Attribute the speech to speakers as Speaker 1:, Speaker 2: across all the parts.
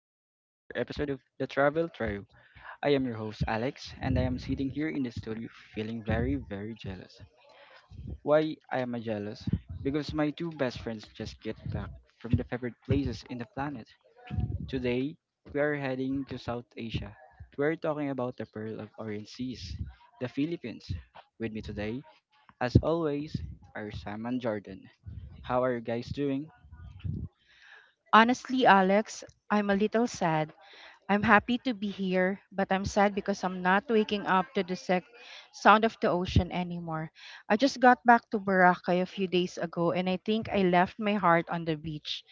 Speaker 1: another episode of The Travel Tribe. I am your host, Alex, and I am sitting here in the studio feeling very, very jealous. Why I am a jealous? Because my two best friends just get back from the favorite places in the planet. Today, we are heading to South Asia. We are talking about the Pearl of Orient Seas, the Philippines. With me today, as always, are Sam and Jordan. How are you guys doing?
Speaker 2: Honestly, Alex, I'm a little sad. I'm happy to be here, but I'm sad because I'm not waking up to the sound of the ocean anymore. I just got back to Boracay a few days ago and I think I left my heart on the beach.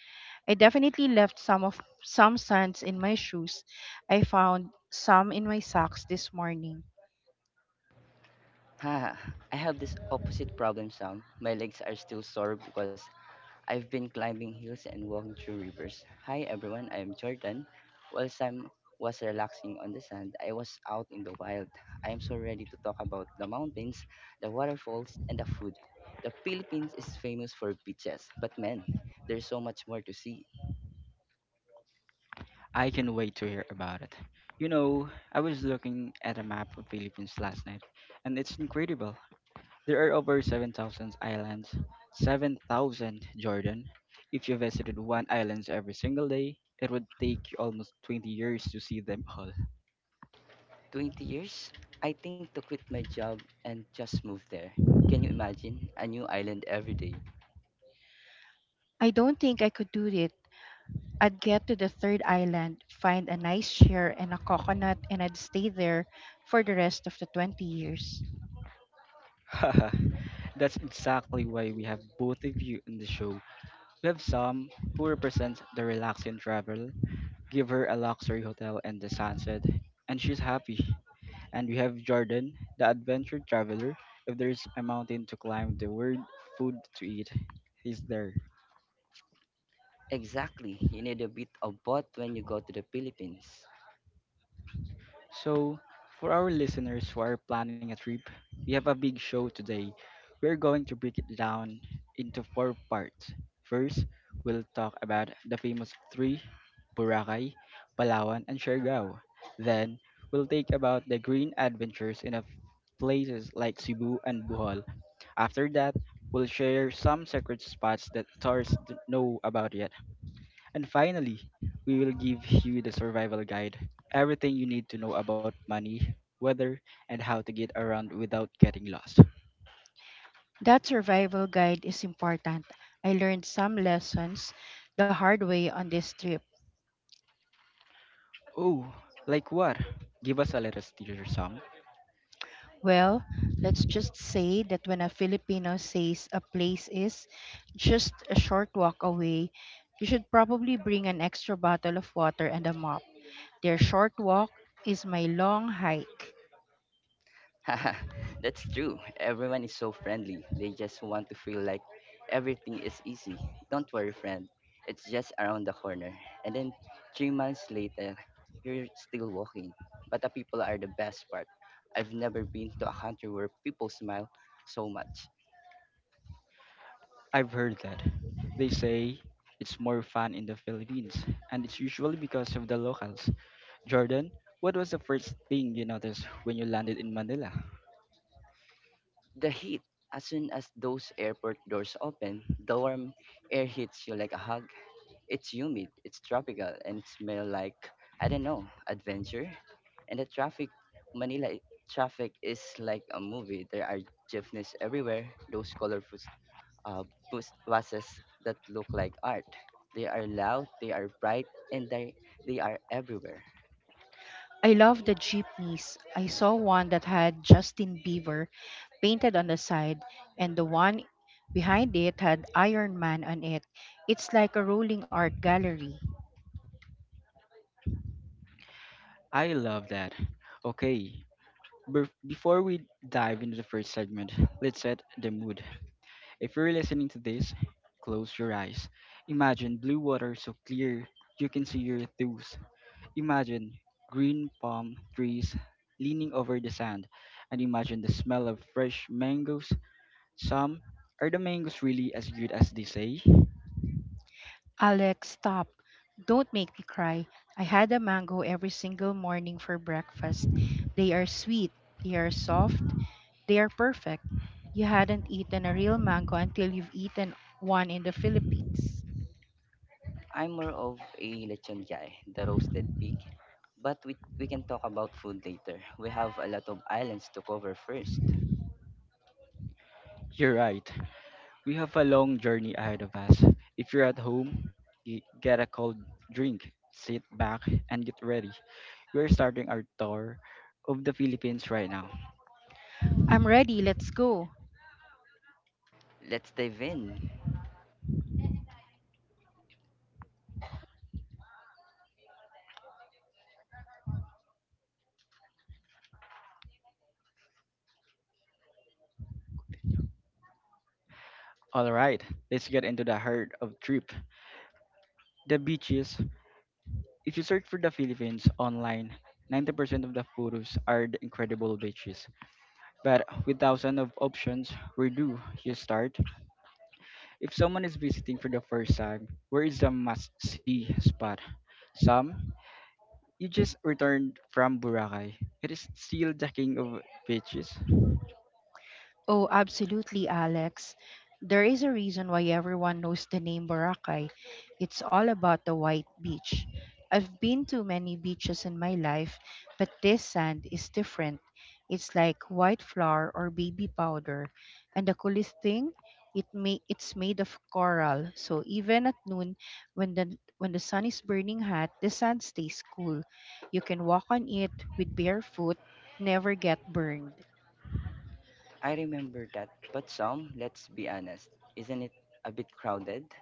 Speaker 2: I definitely left some sands in my shoes. I found some in my socks this morning.
Speaker 3: Haha, I have this opposite problem, Sam. My legs are still sore because I've been climbing hills and walking through rivers. Hi everyone, I'm Jordan. While Sam was relaxing on the sand, I was out in the wild. I am so ready to talk about the mountains, the waterfalls, and the food. The Philippines is famous for beaches, but man, there's so much more to see.
Speaker 1: I can wait to hear about it. You know, I was looking at a map of Philippines last night, and it's incredible. There are over 7,000 islands. 7,000, Jordan. If you visited one island every single day, it would take you almost 20 years to see them all.
Speaker 3: 20 years? I think to quit my job and just move there. Can you imagine? A new island every day.
Speaker 2: I don't think I could do it. I'd get to the 3rd island, find a nice chair and a coconut, and I'd stay there for the rest of the 20 years.
Speaker 1: Haha, that's exactly why we have both of you in the show. We have Sam, who represents the relaxing travel, give her a luxury hotel and the sunset, and she's happy. And we have Jordan, the adventure traveler. If there's a mountain to climb, the word food to eat, he's there.
Speaker 3: Exactly. You need a bit of both when you go to the Philippines.
Speaker 1: So, for our listeners who are planning a trip, we have a big show today. We're going to break it down into four parts. First, we'll talk about the famous three: Boracay, Palawan, and Siargao. Then, we'll take about the green adventures in a places like Cebu and Bohol. After that, we'll share some secret spots that tourists don't know about yet. And finally, we will give you the survival guide, everything you need to know about money, weather, and how to get around without getting lost.
Speaker 2: That survival guide is important. I learned some lessons the hard way on this trip.
Speaker 1: Oh, like what? Give us a little teaser some.
Speaker 2: Well, let's just say that when a Filipino says a place is just a short walk away, you should probably bring an extra bottle of water and a mop. Their short walk is my long hike.
Speaker 3: That's true. Everyone is so friendly. They just want to feel like everything is easy. Don't worry, friend. It's just around the corner. And then 3 months later, you're still walking. But the people are the best part. I've never been to a country where people smile so much.
Speaker 1: I've heard that. They say it's more fun in the Philippines, and it's usually because of the locals. Jordan, what was the first thing you noticed when you landed in Manila?
Speaker 3: The heat, as soon as those airport doors open, the warm air hits you like a hug. It's humid, it's tropical, and it smells like, I don't know, adventure. And the traffic, Manila i- traffic is like a movie. There are jeepneys everywhere, those colorful uh, buses that look like art. They are loud, they are bright, and they are everywhere.
Speaker 2: I love the jeepneys. I saw one that had Justin Bieber painted on the side, and the one behind it had Iron Man on it. It's like a rolling art gallery.
Speaker 1: I love that. Okay, before we dive into the first segment, let's set the mood. If you're listening to this, close your eyes. Imagine blue water so clear you can see your toes. Imagine green palm trees leaning over the sand, and imagine the smell of fresh mangoes. Some, are the mangoes really as good as they say?
Speaker 2: Alex, stop. Don't make me cry. I had a mango every single morning for breakfast. They are sweet, they are soft, they are perfect. You hadn't eaten a real mango until you've eaten one in the Philippines.
Speaker 3: I'm more of a lechon guy, the roasted pig. But we can talk about food later. We have a lot of islands to cover first.
Speaker 1: You're right. We have a long journey ahead of us. If you're at home, get a cold drink, sit back, and get ready. We're starting our tour of the Philippines right now.
Speaker 2: I'm ready, let's go.
Speaker 3: Let's dive in.
Speaker 1: All right, let's get into the heart of trip. The beaches. If you search for the Philippines online, 90% of the photos are the incredible beaches. But with thousands of options, where do you start? If someone is visiting for the first time, where is the must-see spot? Some, you just returned from Boracay. It is still the king of beaches.
Speaker 2: Oh, absolutely, Alex. There is a reason why everyone knows the name Boracay. It's all about the white beach. I've been to many beaches in my life, but this sand is different. It's like white flour or baby powder. And the coolest thing, it's made of coral. So even at noon when the sun is burning hot, the sand stays cool. You can walk on it with bare foot, never get burned.
Speaker 3: I remember that, but some, let's be honest, isn't it a bit crowded?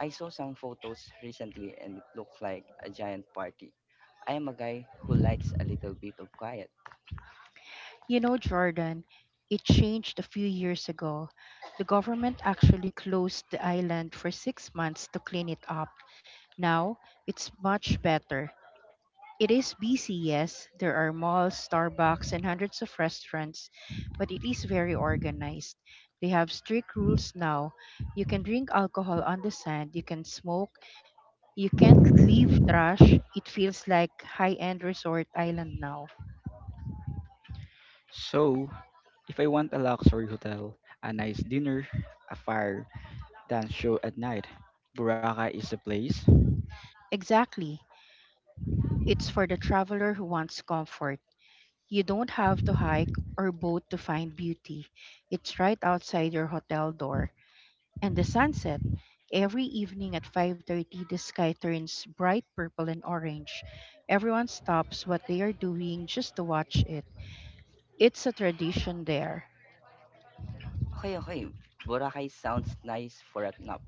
Speaker 3: I saw some photos recently and it looked like a giant party. I am a guy who likes a little bit of quiet.
Speaker 2: You know, Jordan, it changed a few years ago. The government actually closed the island for 6 months to clean it up. Now, it's much better. It is busy, yes. There are malls, Starbucks, and hundreds of restaurants, but it is very organized. They have strict rules now. You can drink alcohol on the sand, you can smoke, you can't leave trash. It feels like high end resort island now.
Speaker 1: So, if I want a luxury hotel, a nice dinner, a fire, dance show at night, Boracay is the place.
Speaker 2: Exactly. It's for the traveler who wants comfort. You don't have to hike or boat to find beauty. It's right outside your hotel door. And the sunset. Every evening at 5:30 the sky turns bright purple and orange. Everyone stops what they are doing just to watch it. It's a tradition there.
Speaker 3: Okay, okay, Boracay sounds nice for a nap,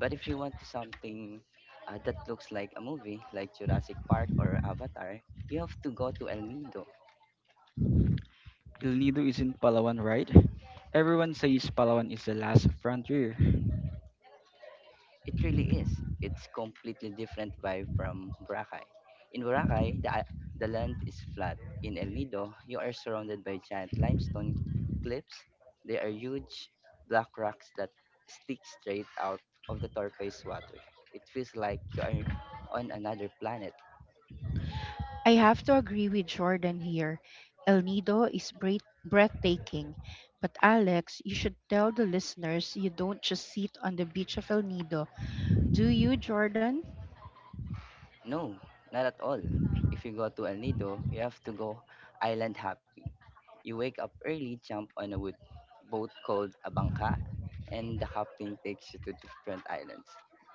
Speaker 3: but if you want to something that looks like a movie, like Jurassic Park or Avatar, you have to go to El Nido.
Speaker 1: El Nido is in Palawan, right? Everyone says Palawan is the last frontier.
Speaker 3: It really is. It's completely different vibe from Boracay. In Boracay, the land is flat. In El Nido, you are surrounded by giant limestone cliffs. They are huge black rocks that stick straight out of the turquoise water. It feels like you are on another planet.
Speaker 2: I have to agree with Jordan here. El Nido is breathtaking. But Alex, you should tell the listeners you don't just sit on the beach of El Nido. Do you, Jordan?
Speaker 3: No, not at all. If you go to El Nido, you have to go island hopping. You wake up early, jump on a wood boat called a bangka, and the hopping takes you to different islands.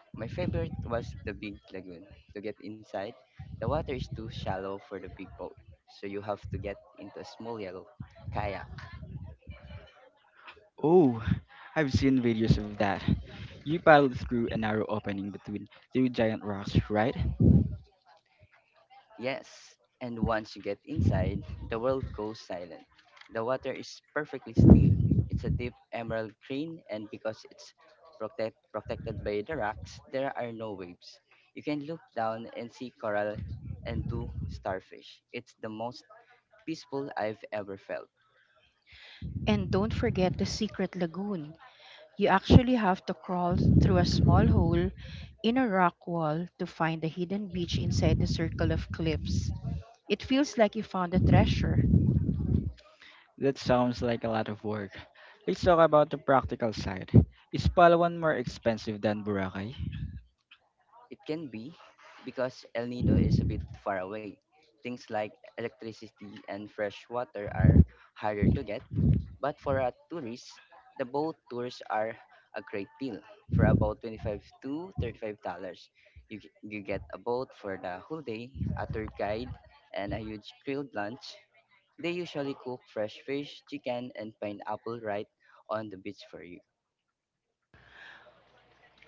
Speaker 3: My favorite was the big lagoon. To get inside, the water is too shallow for the big boat, so you have to get into a small yellow kayak.
Speaker 1: Oh, I've seen videos of that. You paddle through a narrow opening between two giant rocks, right?
Speaker 3: Yes, and once you get inside, the world goes silent. The water is perfectly still. It's a deep emerald green, and because it's protected by the rocks, there are no waves. You can look down and see coral and two starfish. It's the most peaceful I've ever felt.
Speaker 2: And don't forget the secret lagoon. You actually have to crawl through a small hole in a rock wall to find the hidden beach inside the circle of cliffs. It feels like you found a treasure.
Speaker 1: That sounds like a lot of work. Let's talk about the practical side. Is Palawan more expensive than Boracay?
Speaker 3: It can be because El Nido is a bit far away. Things like electricity and fresh water are harder to get, but for a tourist, the boat tours are a great deal for about 25 to $35. You get a boat for the whole day, a tour guide, and a huge grilled lunch. They usually cook fresh fish, chicken, and pineapple right on the beach for you.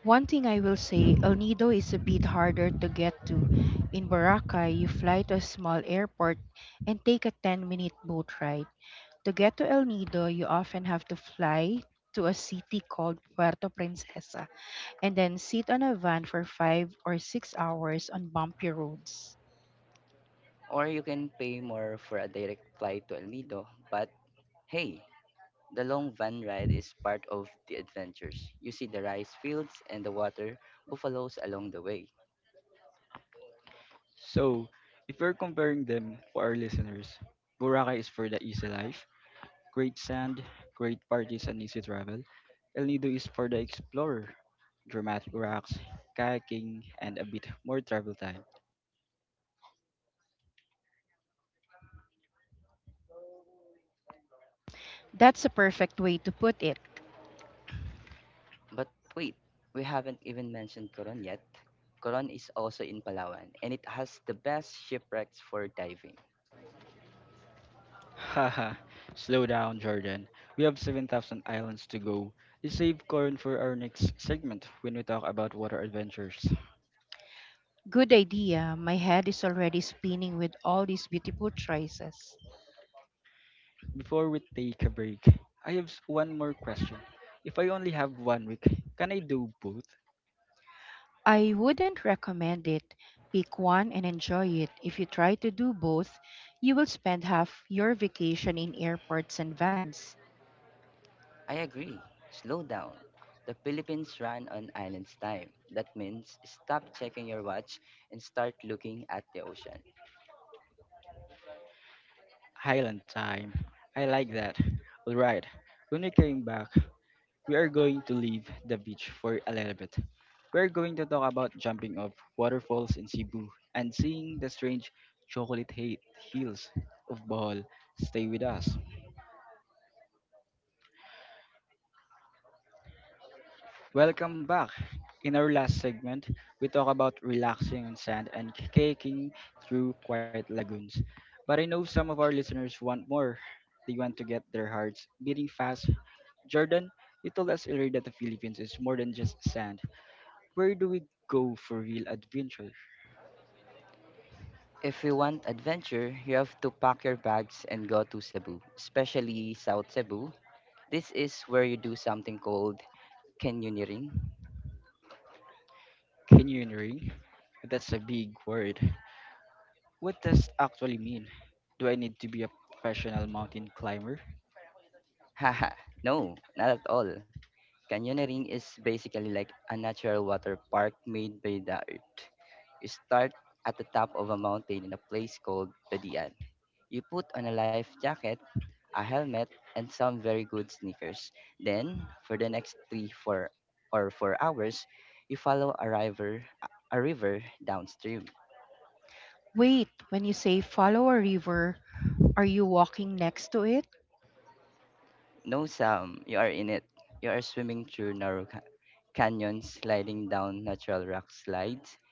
Speaker 2: One thing I will say, El Nido is a bit harder to get to. In Boracay, you fly to a small airport and take a 10-minute boat ride. To get to El Nido, you often have to fly to a city called Puerto Princesa, and then sit on a van for 5 or 6 hours on bumpy roads.
Speaker 3: Or you can pay more for a direct flight to El Nido, but hey, the long van ride is part of the adventures. You see the rice fields and the water buffaloes along the way.
Speaker 1: So, if we're comparing them for our listeners, Boracay is for the easy life, great sand, great parties, and easy travel. El Nido is for the explorer, dramatic rocks, kayaking, and a bit more travel time.
Speaker 2: That's a perfect way to put it.
Speaker 3: But wait, we haven't even mentioned Coron yet. Coron is also in Palawan, and it has the best shipwrecks for diving.
Speaker 1: Haha, slow down, Jordan. We have 7,000 islands to go. Let's save Corin for our next segment when we talk about water adventures.
Speaker 2: Good idea. My head is already spinning with all these beautiful choices.
Speaker 1: Before we take a break, I have one more question. If I only have 1 week, can I do both?
Speaker 2: I wouldn't recommend it. Pick one and enjoy it. If you try to do both, you will spend half your vacation in airports and vans.
Speaker 3: I agree. Slow down. The Philippines ran on island's time. That means stop checking your watch and start looking at the ocean.
Speaker 1: Highland time. I like that. Alright, when we came back, we are going to leave the beach for a little bit. We are going to talk about jumping off waterfalls in Cebu and seeing the strange chocolate hate hills of Bohol. Stay with us. Welcome back. In our last segment, we talk about relaxing on sand and kayaking through quiet lagoons. But I know some of our listeners want more. They want to get their hearts beating fast. Jordan, you told us earlier that the Philippines is more than just sand. Where do we go for real adventure?
Speaker 3: If you want adventure, you have to pack your bags and go to Cebu, especially South Cebu. This is where you do something called canyoneering.
Speaker 1: Canyoneering? That's a big word. What does actually mean? Do I need to be a professional mountain climber?
Speaker 3: Haha, no, not at all. Canyoneering is basically like a natural water park made by the earth. You start at the top of a mountain in a place called Pedian. You put on a life jacket, a helmet, and some very good sneakers. Then, for the next three, four hours, you follow a river downstream.
Speaker 2: Wait, when you say follow a river, are you walking next to it?
Speaker 3: No Sam, you are in it. You are swimming through canyons, sliding down natural rock slides,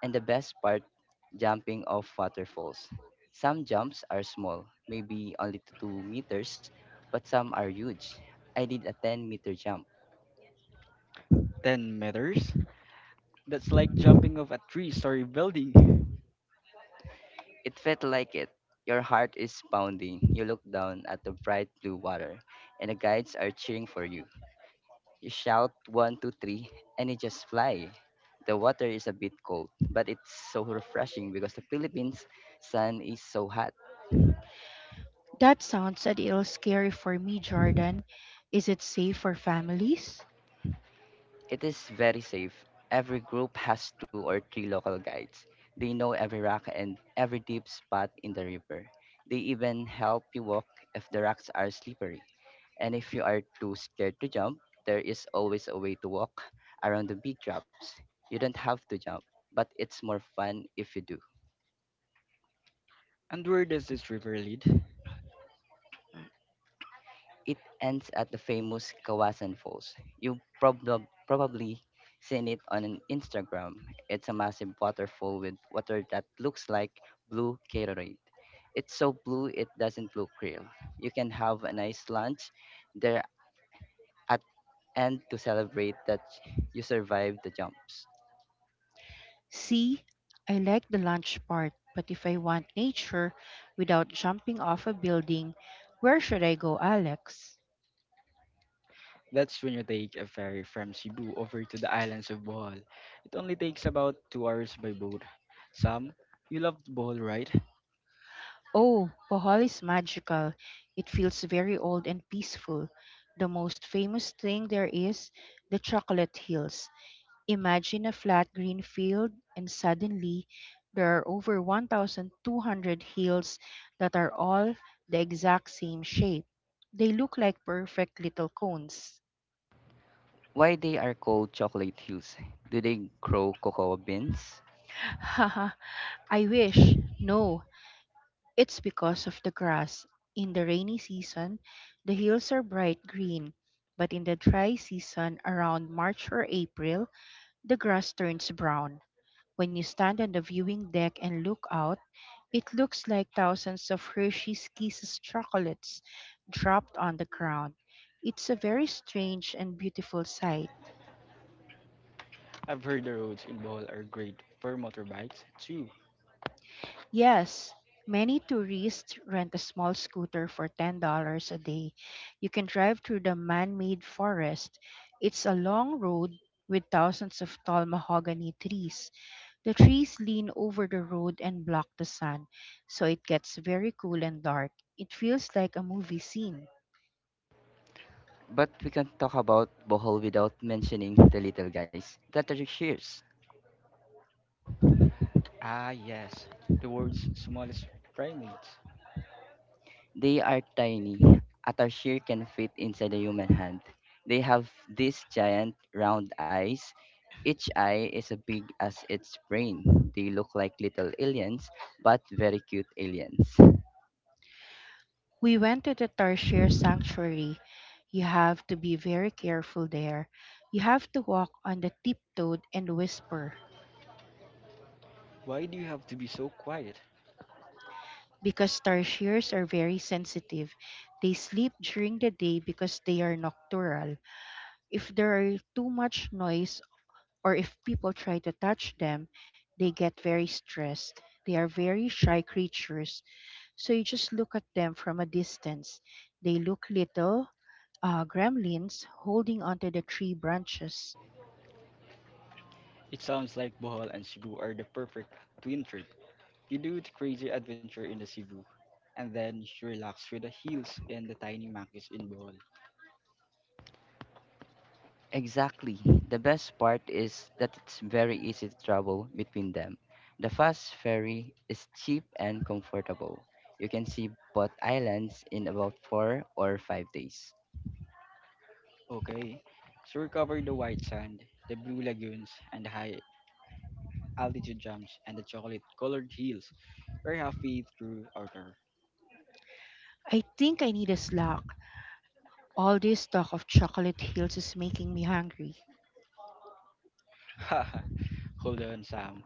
Speaker 3: and the best part, jumping off waterfalls. Some jumps are small, maybe only 2 meters, but some are huge. I did a 10-meter jump.
Speaker 1: 10 meters? That's like jumping off a three-story building.
Speaker 3: It felt like it. Your heart is pounding. You look down at the bright blue water, and the guides are cheering for you. You shout one, two, three, and you just fly. The water is a bit cold, but it's so refreshing because the Philippines sun is so hot.
Speaker 2: That sounds a little scary for me, Jordan. Is it safe for families?
Speaker 3: It is very safe. Every group has two or three local guides. They know every rock and every deep spot in the river. They even help you walk if the rocks are slippery. And if you are too scared to jump, there is always a way to walk around the big drops. You don't have to jump, but it's more fun if you do.
Speaker 1: And where does this river lead?
Speaker 3: It ends at the famous Kawasan Falls. Probably seen it on Instagram. It's a massive waterfall with water that looks like blue Gatorade. It's so blue it doesn't look real. You can have a nice lunch there at and to celebrate that you survived the jumps.
Speaker 2: See, I like the lunch part, but if I want nature without jumping off a building, where should I go, Alex?
Speaker 1: That's when you take a ferry from Cebu over to the islands of Bohol. It only takes about 2 hours by boat. Sam, you loved Bohol, right?
Speaker 2: Oh, Bohol is magical. It feels very old and peaceful. The most famous thing there is the chocolate hills. Imagine a flat green field, and suddenly there are over 1,200 hills that are all the exact same shape. They look like perfect little cones.
Speaker 3: Why they are called chocolate hills? Do they grow cocoa beans?
Speaker 2: I wish. No, it's because of the grass. In the rainy season, the hills are bright green, but in the dry season around March or April, the grass turns brown. When you stand on the viewing deck and look out, it looks like thousands of Hershey's Kisses chocolates dropped on the ground. It's a very strange and beautiful sight.
Speaker 1: I've heard the roads in Bohol are great for motorbikes too.
Speaker 2: Yes, many tourists rent a small scooter for $10 a day. You can drive through the man-made forest. It's a long road with thousands of tall mahogany trees. The trees lean over the road and block the sun, so it gets very cool and dark. It feels like a movie scene.
Speaker 3: But we can't talk about Bohol without mentioning the little guys that are here.
Speaker 1: Ah, yes, the world's smallest primates.
Speaker 3: They are tiny, at a sheer can fit inside a human hand. They have these giant round eyes. Each eye is as big as its brain. They look like little aliens, but very cute aliens.
Speaker 2: We went to the Tarshir Sanctuary. You have to be very careful there. You have to walk on the tiptoed and whisper,
Speaker 1: Why do you have to be so quiet?
Speaker 2: because tarsiers are very sensitive. They sleep during the day because they are nocturnal. If there are too much noise or if people try to touch them, they get very stressed. They are very shy creatures, so you just look at them from a distance. They look little gremlins holding onto the tree branches.
Speaker 1: It sounds like Bohol and Cebu are the perfect twin trip. You do the crazy adventure in the Cebu, and then you relax with the hills and the tiny monkeys in Bohol.
Speaker 3: Exactly. The best part is that it's very easy to travel between them. The fast ferry is cheap and comfortable. You can see both islands in about 4 or 5 days.
Speaker 1: Okay, so we covered the white sand, the blue lagoons, and the high altitude jumps and the chocolate colored hills. We're halfway through our
Speaker 2: I think I need a snack. All this talk of chocolate hills is making me hungry.
Speaker 1: tour. Hold on, Sam.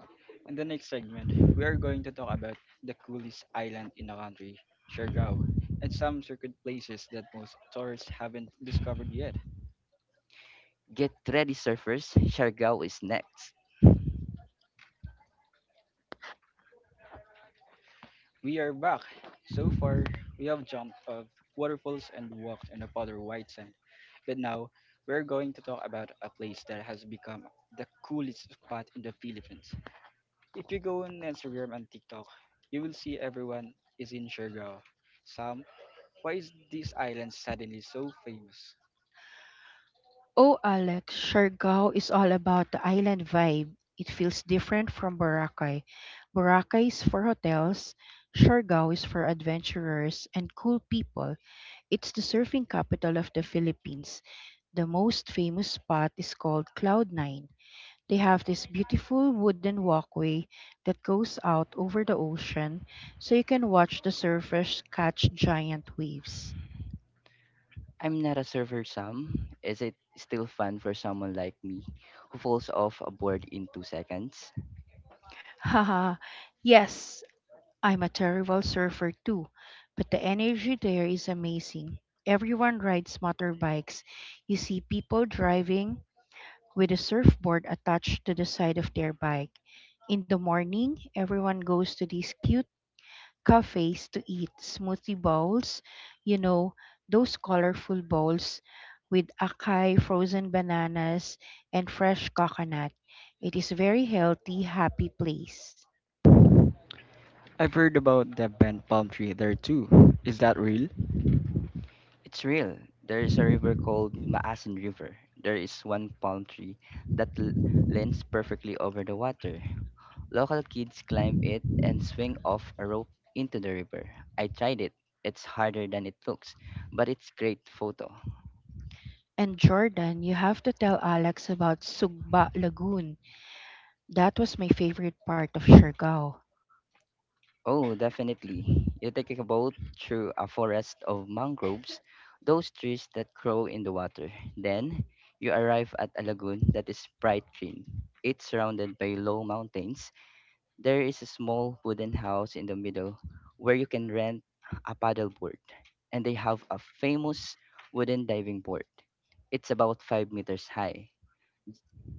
Speaker 1: In the next segment, we are going to talk about the coolest island in the country, Siargao, and some secret places that most tourists haven't discovered yet.
Speaker 3: Get ready, surfers. Siargao is next.
Speaker 1: We are back. So far, we have jumped off waterfalls and walked on a powder white sand. But now, we're going to talk about a place that has become the coolest spot in the Philippines. If you go on Instagram and TikTok, you will see everyone is in Siargao. Some, why is this island suddenly so famous?
Speaker 2: Oh, Alex, Siargao is all about the island vibe. It feels different from Boracay. Boracay is for hotels, Siargao is for adventurers and cool people. It's the surfing capital of the Philippines. The most famous spot is called Cloud Nine. They have this beautiful wooden walkway that goes out over the ocean so you can watch the surfers catch giant waves.
Speaker 3: I'm not a server, Sam. Is it still fun for someone like me who falls off a board in 2 seconds?
Speaker 2: Haha, yes, I'm a terrible surfer too, but the energy there is amazing. Everyone rides motorbikes. You see people driving with a surfboard attached to the side of their bike. In the morning, everyone goes to these cute cafes to eat smoothie bowls, you know, those colorful bowls with acai, frozen bananas, and fresh coconut. It is a very healthy, happy place.
Speaker 1: I've heard about the bent palm tree there too. Is that real?
Speaker 3: It's real. There is a river called Maasin River. There is one palm tree that l- leans perfectly over the water. Local kids climb it and swing off a rope into the river. I tried it. It's harder than it looks, but it's great photo.
Speaker 2: And Jordan, you have to tell Alex about Sugba Lagoon. That was my favorite part of Siargao.
Speaker 3: Oh, definitely. You take a boat through a forest of mangroves, those trees that grow in the water. Then you arrive at a lagoon that is bright green. It's surrounded by low mountains. There is a small wooden house in the middle where you can rent a paddleboard, and they have a famous wooden diving board. It's about 5 meters high.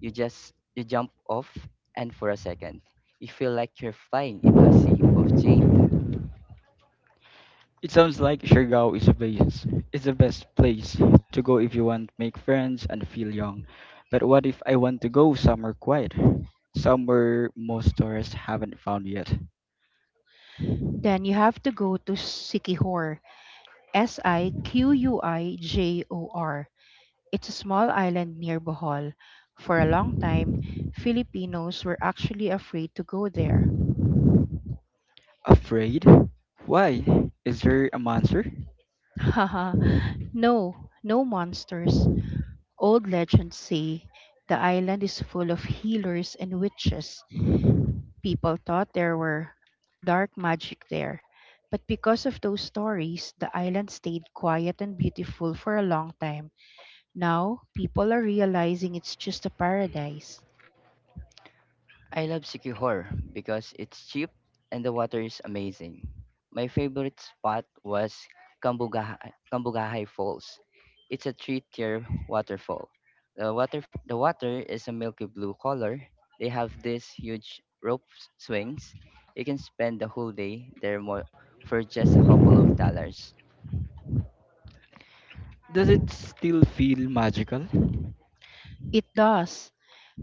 Speaker 3: You jump off and for a second, you feel like you're flying into a sea of jade.
Speaker 1: It sounds like Siargao is a base. It's the best place to go if you want to make friends and feel young. But what if I want to go somewhere quiet? Somewhere most tourists haven't found yet.
Speaker 2: Then you have to go to Sikihor, Siquijor. It's a small island near Bohol. For a long time, Filipinos were actually afraid to go there.
Speaker 1: Afraid? Why? Is there a monster?
Speaker 2: Haha, no, no monsters. Old legends say the island is full of healers and witches. People thought there were dark magic there, but because of those stories, the island stayed quiet and beautiful for a long time. Now, people are realizing it's just a paradise.
Speaker 3: I love Sikihor because it's cheap and the water is amazing. My favorite spot was Kambugahay Falls. It's a three-tier waterfall. The water is a milky blue color. They have these huge swings. You can spend the whole day for just a couple of dollars.
Speaker 1: Does it still feel magical?
Speaker 2: It does.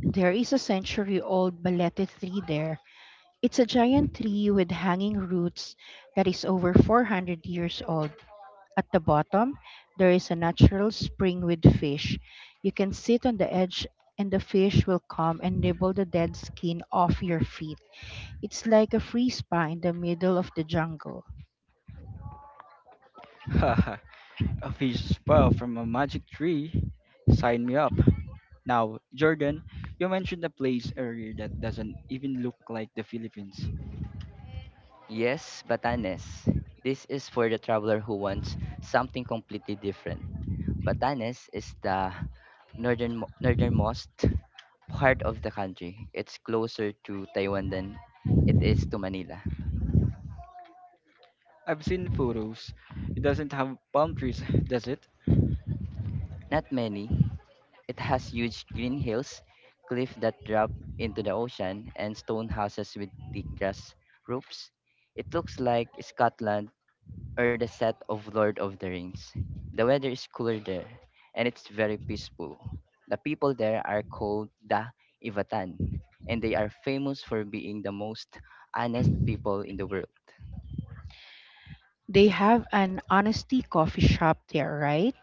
Speaker 2: There is a century old balete tree there. It's a giant tree with hanging roots that is over 400 years old. At the bottom, there is a natural spring with fish. You can sit on the edge and the fish will come and nibble the dead skin off your feet. It's like a free spa in the middle of the jungle.
Speaker 1: Haha, a fish spell from a magic tree? Sign me up. Now, Jordan, you mentioned a place earlier that doesn't even look like the Philippines.
Speaker 3: Yes, Batanes. This is for the traveler who wants something completely different. Batanes is the northernmost part of the country. It's closer to Taiwan than it is to Manila.
Speaker 1: I've seen photos. It doesn't have palm trees, does it?
Speaker 3: Not many. It has huge green hills, cliffs that drop into the ocean, and stone houses with thick grass roofs. It looks like Scotland or the set of Lord of the Rings. The weather is cooler there, and it's very peaceful. The people there are called the Ivatan, and they are famous for being the most honest people in the world.
Speaker 2: They have an honesty coffee shop there, right?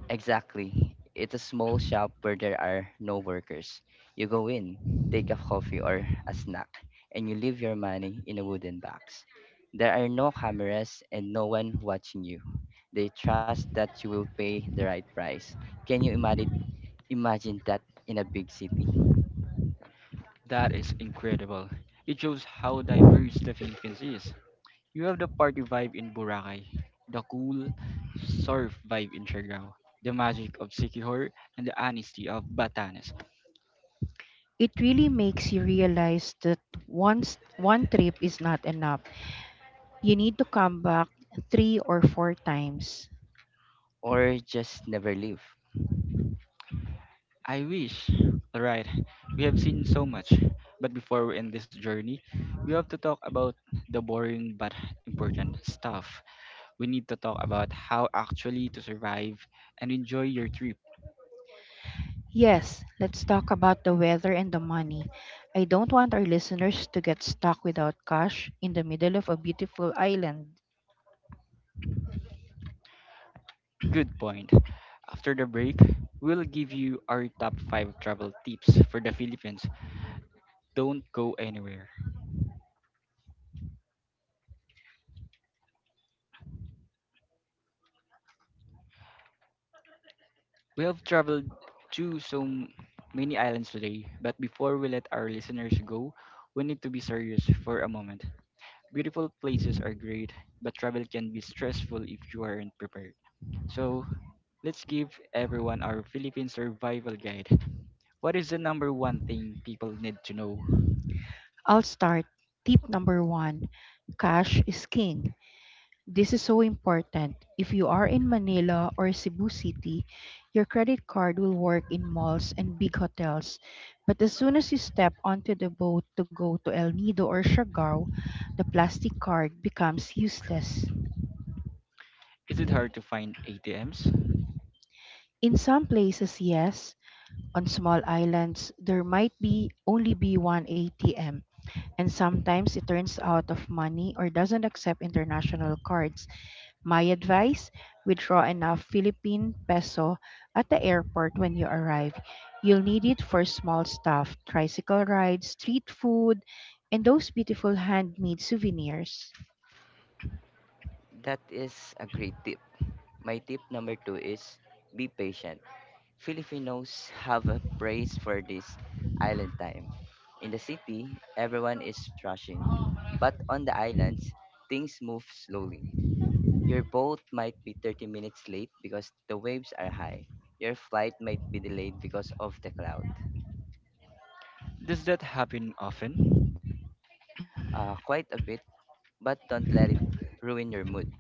Speaker 3: Exactly. It's a small shop where there are no workers. You go in, take a coffee or a snack, and you leave your money in a wooden box. There are no cameras and no one watching you. They trust that you will pay the right price. Can you imagine Imagine that in a big city
Speaker 1: That is incredible. It shows how diverse the Philippines is. You have the party vibe in Boracay, the cool surf vibe in Siargao, the magic of Siquijor, and the honesty of Batanes.
Speaker 2: It really makes you realize that once one trip is not enough. You need to come back three or four times.
Speaker 3: or just never leave.
Speaker 1: I wish. Alright, we have seen so much, but before we end this journey, we have to talk about the boring but important stuff. We need to talk about how actually to survive and enjoy your trip.
Speaker 2: Yes, let's talk about the weather and the money. I don't want our listeners to get stuck without cash in the middle of a beautiful island.
Speaker 1: Good point. After the break, we'll give you our top 5 travel tips for the Philippines. Don't go anywhere. We have traveled to many islands today, but before we let our listeners go, we need to be serious for a moment. Beautiful places are great, but travel can be stressful if you aren't prepared. So, let's give everyone our Philippine survival guide. What is the number one thing people need to know?
Speaker 2: I'll start. Tip number one, cash is king. This is so important. If you are in Manila or Cebu City, your credit card will work in malls and big hotels. But as soon as you step onto the boat to go to El Nido or Siargao, the plastic card becomes useless.
Speaker 1: Is it hard to find ATMs?
Speaker 2: In some places, yes. On small islands, there might be only be one ATM, and sometimes it turns out of money or doesn't accept international cards. My advice, withdraw enough Philippine peso at the airport when you arrive. You'll need it for small stuff, tricycle rides, street food, and those beautiful handmade souvenirs.
Speaker 3: That is a great tip. My tip number two is be patient. Filipinos have a praise for this island time. In the city, everyone is rushing, but on the islands, things move slowly. Your boat might be 30 minutes late because the waves are high. Your flight might be delayed because of the cloud.
Speaker 1: Does that happen often?
Speaker 3: Quite a bit, but don't let it ruin your mood.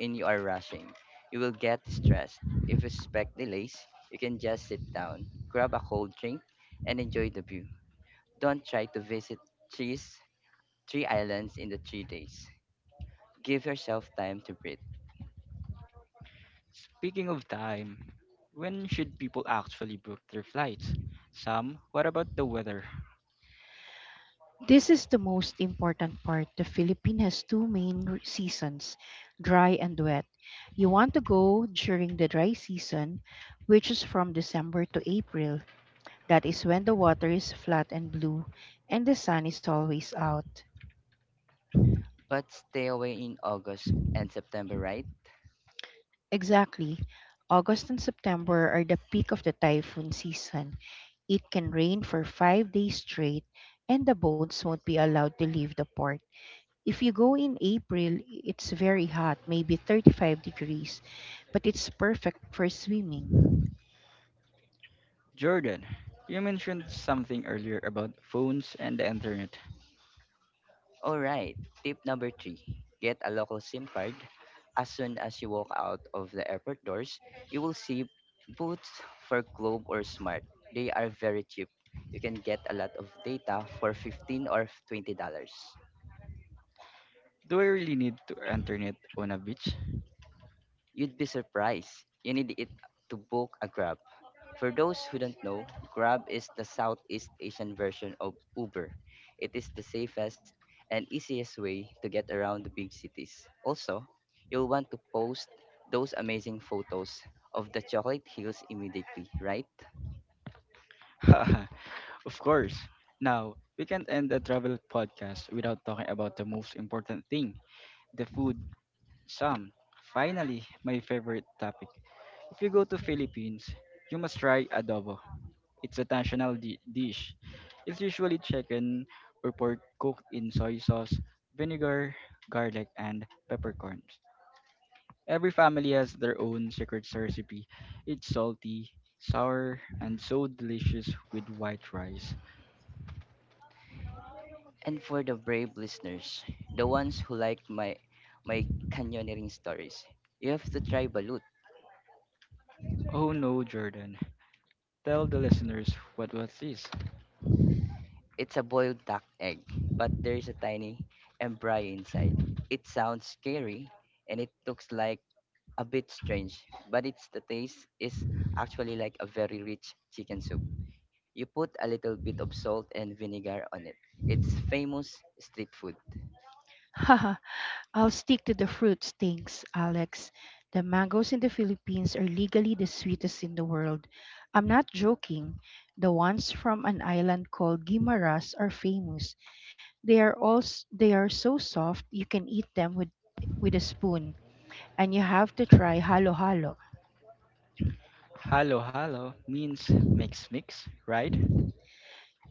Speaker 3: And you are rushing. You will get stressed. If you expect delays, you can just sit down, grab a cold drink, and enjoy the view. Don't try to visit trees, three islands in the 3 days. Give yourself time to breathe.
Speaker 1: Speaking of time, when should people actually book their flights? Sam, what about the weather?
Speaker 2: This is the most important part. The Philippines has two main seasons, dry and wet. You want to go during the dry season, which is from December to April. That is when the water is flat and blue and the sun is always out.
Speaker 3: But stay away in August and September, right?
Speaker 2: Exactly. August and September are the peak of the typhoon season. It can rain for 5 days straight, and the boats won't be allowed to leave the port. If you go in April, it's very hot, maybe 35 degrees, but it's perfect for swimming.
Speaker 1: Jordan, you mentioned something earlier about phones and the internet.
Speaker 3: All right. Tip number three, get a local SIM card. As soon as you walk out of the airport doors, you will see booths for Globe or Smart. They are very cheap. You can get a lot of data for $15 or $20.
Speaker 1: Do I really need to internet on a beach?
Speaker 3: You'd be surprised. You need it to book a Grab. For those who don't know, Grab is the Southeast Asian version of Uber. It is the safest and easiest way to get around the big cities. Also, you'll want to post those amazing photos of the chocolate hills immediately, right?
Speaker 1: Of course. Now, we can end the travel podcast without talking about the most important thing, the food. Sam, finally, my favorite topic. If you go to Philippines, you must try adobo. It's a national dish. It's usually chicken or pork cooked in soy sauce, vinegar, garlic, and peppercorns. Every family has their own secret recipe. It's salty, sour, and so delicious with white rice.
Speaker 3: And for the brave listeners, the ones who like my canyoneering stories, you have to try Balut.
Speaker 1: Oh no, Jordan. Tell the listeners what was this.
Speaker 3: It's a boiled duck egg, but there is a tiny embryo inside. It sounds scary and it looks like a bit strange, but it's the taste is actually like a very rich chicken soup. You put a little bit of salt and vinegar on it. It's famous street food.
Speaker 2: Haha, I'll stick to the fruits, thanks, Alex. The mangoes in the Philippines are legally the sweetest in the world. I'm not joking. The ones from an island called Guimaras are famous. They are so soft you can eat them with a spoon, and you have to try halo-halo.
Speaker 1: Halo halo means mix mix, right?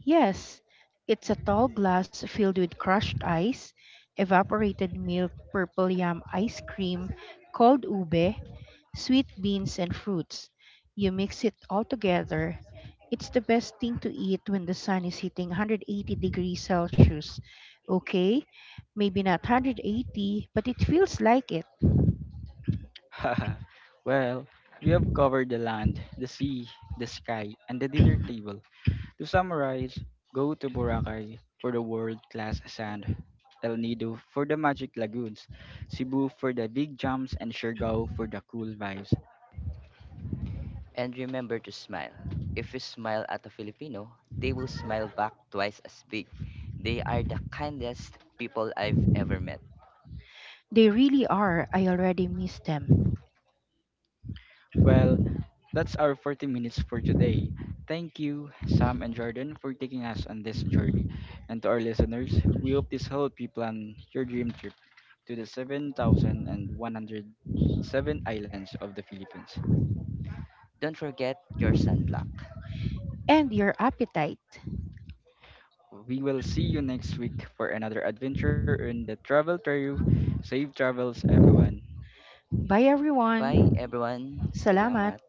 Speaker 2: Yes, it's a tall glass filled with crushed ice, evaporated milk, purple yam ice cream, cold ube, sweet beans, and fruits. You mix it all together. It's the best thing to eat when the sun is hitting 180 degrees Celsius. Okay, maybe not 180, but it feels like it.
Speaker 1: Haha. Well, we have covered the land, the sea, the sky, and the dinner table. To summarize, go to Boracay for the world-class sand, El Nido for the magic lagoons, Cebu for the big jumps, and Siargao for the cool vibes.
Speaker 3: And remember to smile. If you smile at a Filipino, they will smile back twice as big. They are the kindest people I've ever met.
Speaker 2: They really are. I already miss them.
Speaker 1: Well, that's our 40 minutes for today. Thank you, Sam and Jordan, for taking us on this journey. And to our listeners, we hope this helped you plan your dream trip to the 7,107 islands of the Philippines.
Speaker 3: Don't forget your sunblock.
Speaker 2: And your appetite.
Speaker 1: We will see you next week for another adventure in the travel trail. Safe travels, everyone.
Speaker 2: Bye,
Speaker 3: Bye
Speaker 2: everyone.
Speaker 3: everyone.
Speaker 2: Salamat.
Speaker 3: Salamat.